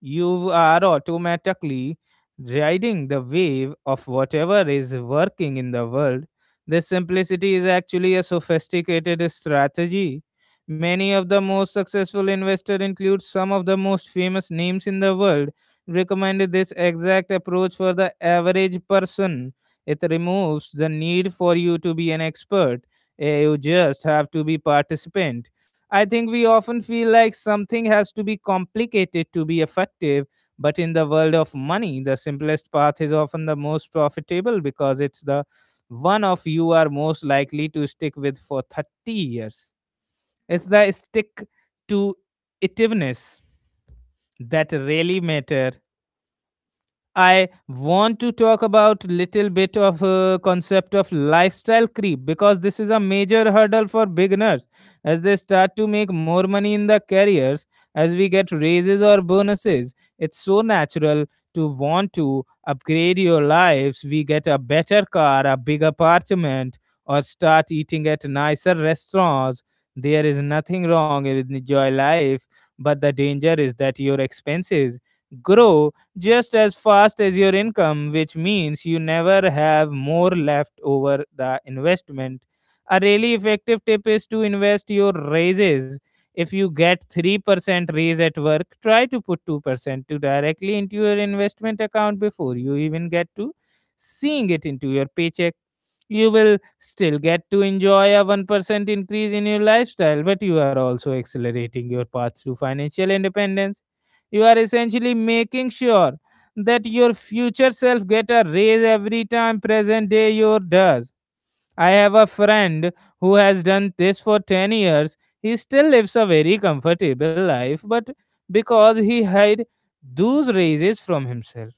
Speaker 1: You are automatically riding the wave of whatever is working in the world. This simplicity is actually a sophisticated strategy. Many of the most successful investors include some of the most famous names in the world. Recommend this exact approach for the average person. It removes the need for you to be an expert. You just have to be participant. I think we often feel like something has to be complicated to be effective, but in the world of money, the simplest path is often the most profitable because it's the one of you are most likely to stick with for 30 years. It's the stick to itiveness that really matter. I want to talk about little bit of concept of lifestyle creep because this is a major hurdle for beginners as they start to make more money in their careers as we get raises or bonuses. It's so natural to want to upgrade your lives. We get a better car, a big apartment, or start eating at nicer restaurants. There is nothing wrong with enjoy life, but the danger is that your expenses grow just as fast as your income, which means you never have more left over the investment. A really effective tip is to invest your raises. If you get 3% raise at work, try to put 2% to directly into your investment account before you even get to seeing it into your paycheck. You will still get to enjoy a 1% increase in your lifestyle, but you are also accelerating your path to financial independence. You are essentially making sure that your future self get a raise every time present day your does. I have a friend who has done this for 10 years. He still lives a very comfortable life, but because he hid those raises from himself.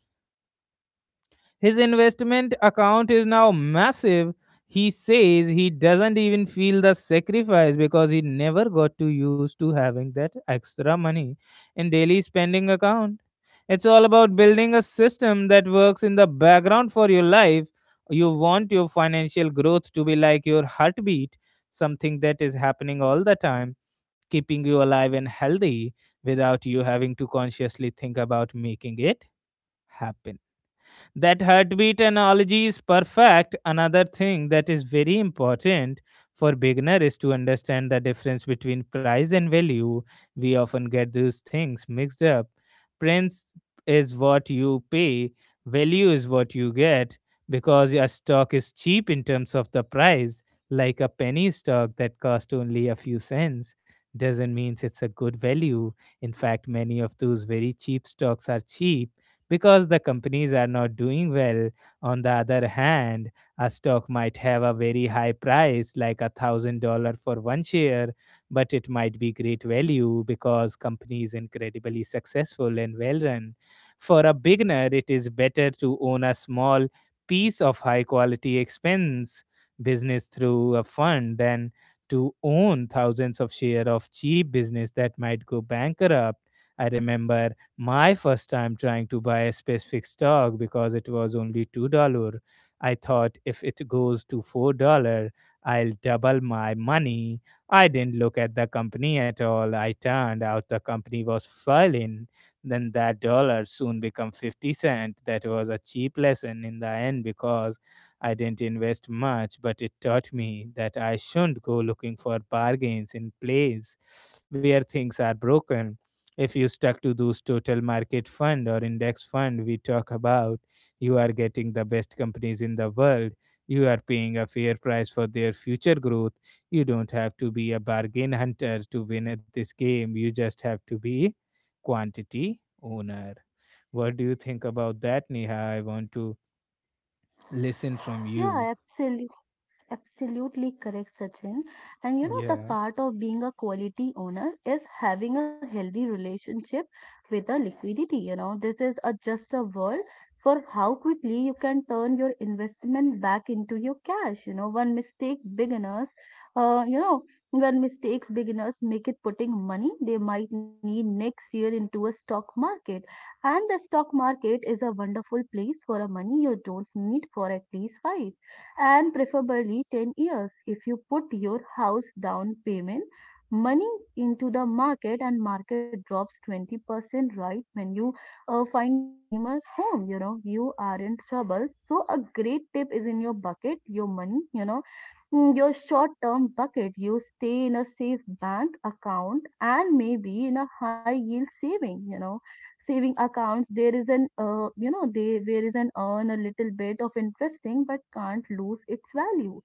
Speaker 1: His investment account is now massive. He says he doesn't even feel the sacrifice because he never got too used to having that extra money in daily spending account. It's all about building a system that works in the background for your life. You want your financial growth to be like your heartbeat, something that is happening all the time, keeping you alive and healthy without you having to consciously think about making it happen. That heartbeat analogy is perfect. Another thing that is very important for beginner is to understand the difference between price and value. We often get those things mixed up. Price is what you pay, value is what you get. Because a stock is cheap in terms of the price, like a penny stock that cost only a few cents, doesn't mean it's a good value. In fact, many of those very cheap stocks are cheap because the companies are not doing well. On the other hand, a stock might have a very high price, like $1,000 for one share, but it might be great value because company is incredibly successful and well run. For a beginner, it is better to own a small piece of high quality expense business through a fund than to own thousands of share of cheap business that might go bankrupt. I remember my first time trying to buy a specific stock because it was only $2. I thought if it goes to $4, I'll double my money. I didn't look at the company at all. I turned out the company was failing. Then that dollar soon become 50 cents. That was a cheap lesson in the end because I didn't invest much, but it taught me that I shouldn't go looking for bargains in place where things are broken. If you stuck to those total market fund or index fund we talk about, you are getting the best companies in the world. You are paying a fair price for their future growth. You don't have to be a bargain hunter to win at this game. You just have to be quantity owner. What do you think about that, Neha? I want to listen from you.
Speaker 2: Yeah, absolutely. Absolutely correct, Sachin. And you know, the
Speaker 1: Yeah.
Speaker 2: part of being a quality owner is having a healthy relationship with the liquidity. You know, this is a just a word for how quickly you can turn your investment back into your cash. You know, one mistake beginners, uh, you know, when mistakes beginners make it putting money they might need next year into a stock market. And the stock market is a wonderful place for a money you don't need for at least five and preferably 10 years. If you put your house down payment money into the market and market drops 20% right when you find your dreamer's home, you know, you aren't trouble. So a great tip is in your bucket your money, you know. Mm, your short term bucket, you stay in a safe bank account and maybe in a high yield saving, saving accounts. There is an, there is an earn a little bit of interesting, but can't lose its value.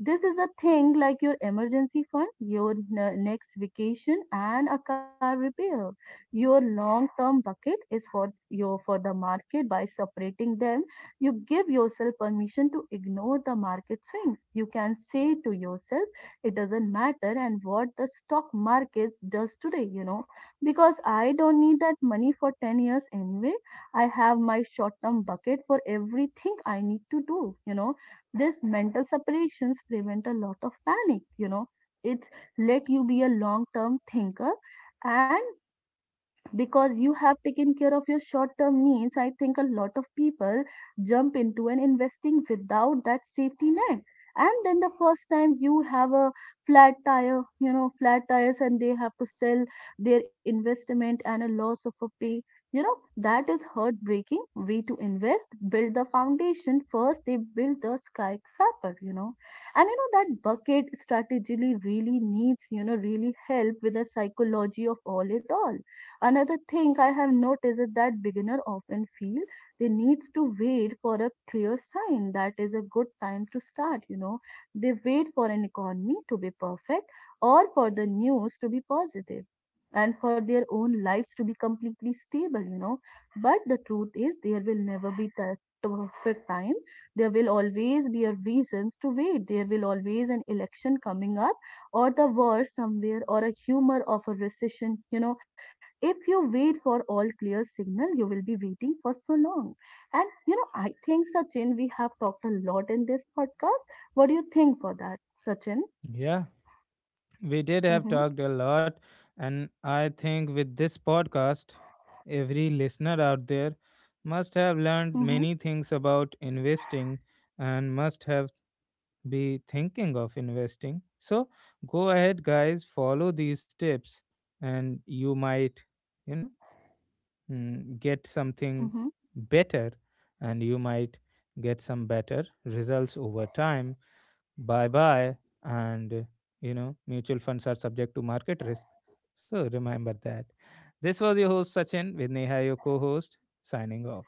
Speaker 2: This is a thing like your emergency fund, your next vacation and a car repair. Your long term bucket is for your, for the market. By separating them, you give yourself permission to ignore the market swings. You can say to yourself, it doesn't matter and what the stock markets does today, you know, because I don't need that money for 10 years anyway. I have my short term bucket for everything I need to do, you know. These mental separations prevent a lot of panic, you know. It's let you be a long term thinker and because you have taken care of your short term needs. I think a lot of people jump into an investing without that safety net. And then the first time you have a flat tire, flat tires, and they have to sell their investment and a loss of a pay. You know, that is heartbreaking way to invest. Build the foundation first, they build the skyscraper, you know. And you know, that bucket strategically really needs, really help with the psychology of all it all. Another thing I have noticed is that beginners often feel they needs to wait for a clear sign that is a good time to start, you know. They wait for an economy to be perfect or for the news to be positive and for their own lives to be completely stable, you know. But the truth is there will never be the perfect time. There will always be a reasons to wait. There will always an election coming up or the war somewhere or a humor of a recession, you know. If you wait for all clear signal, you will be waiting for so long. And you know, I think, Sachin, we have talked a lot in this podcast. What do you think for that, Sachin?
Speaker 1: Yeah, we did have
Speaker 2: Mm-hmm.
Speaker 1: talked a lot, and I think with this podcast every listener out there must have learned
Speaker 2: Mm-hmm.
Speaker 1: many things about investing and must have be thinking of investing. So go ahead guys, follow these tips and you might you know get something
Speaker 2: Mm-hmm.
Speaker 1: better, and you might get some better results over time. Bye bye. And you know, mutual funds are subject to market risk, so remember that. This was your host Sachin with Neha your co-host, signing off.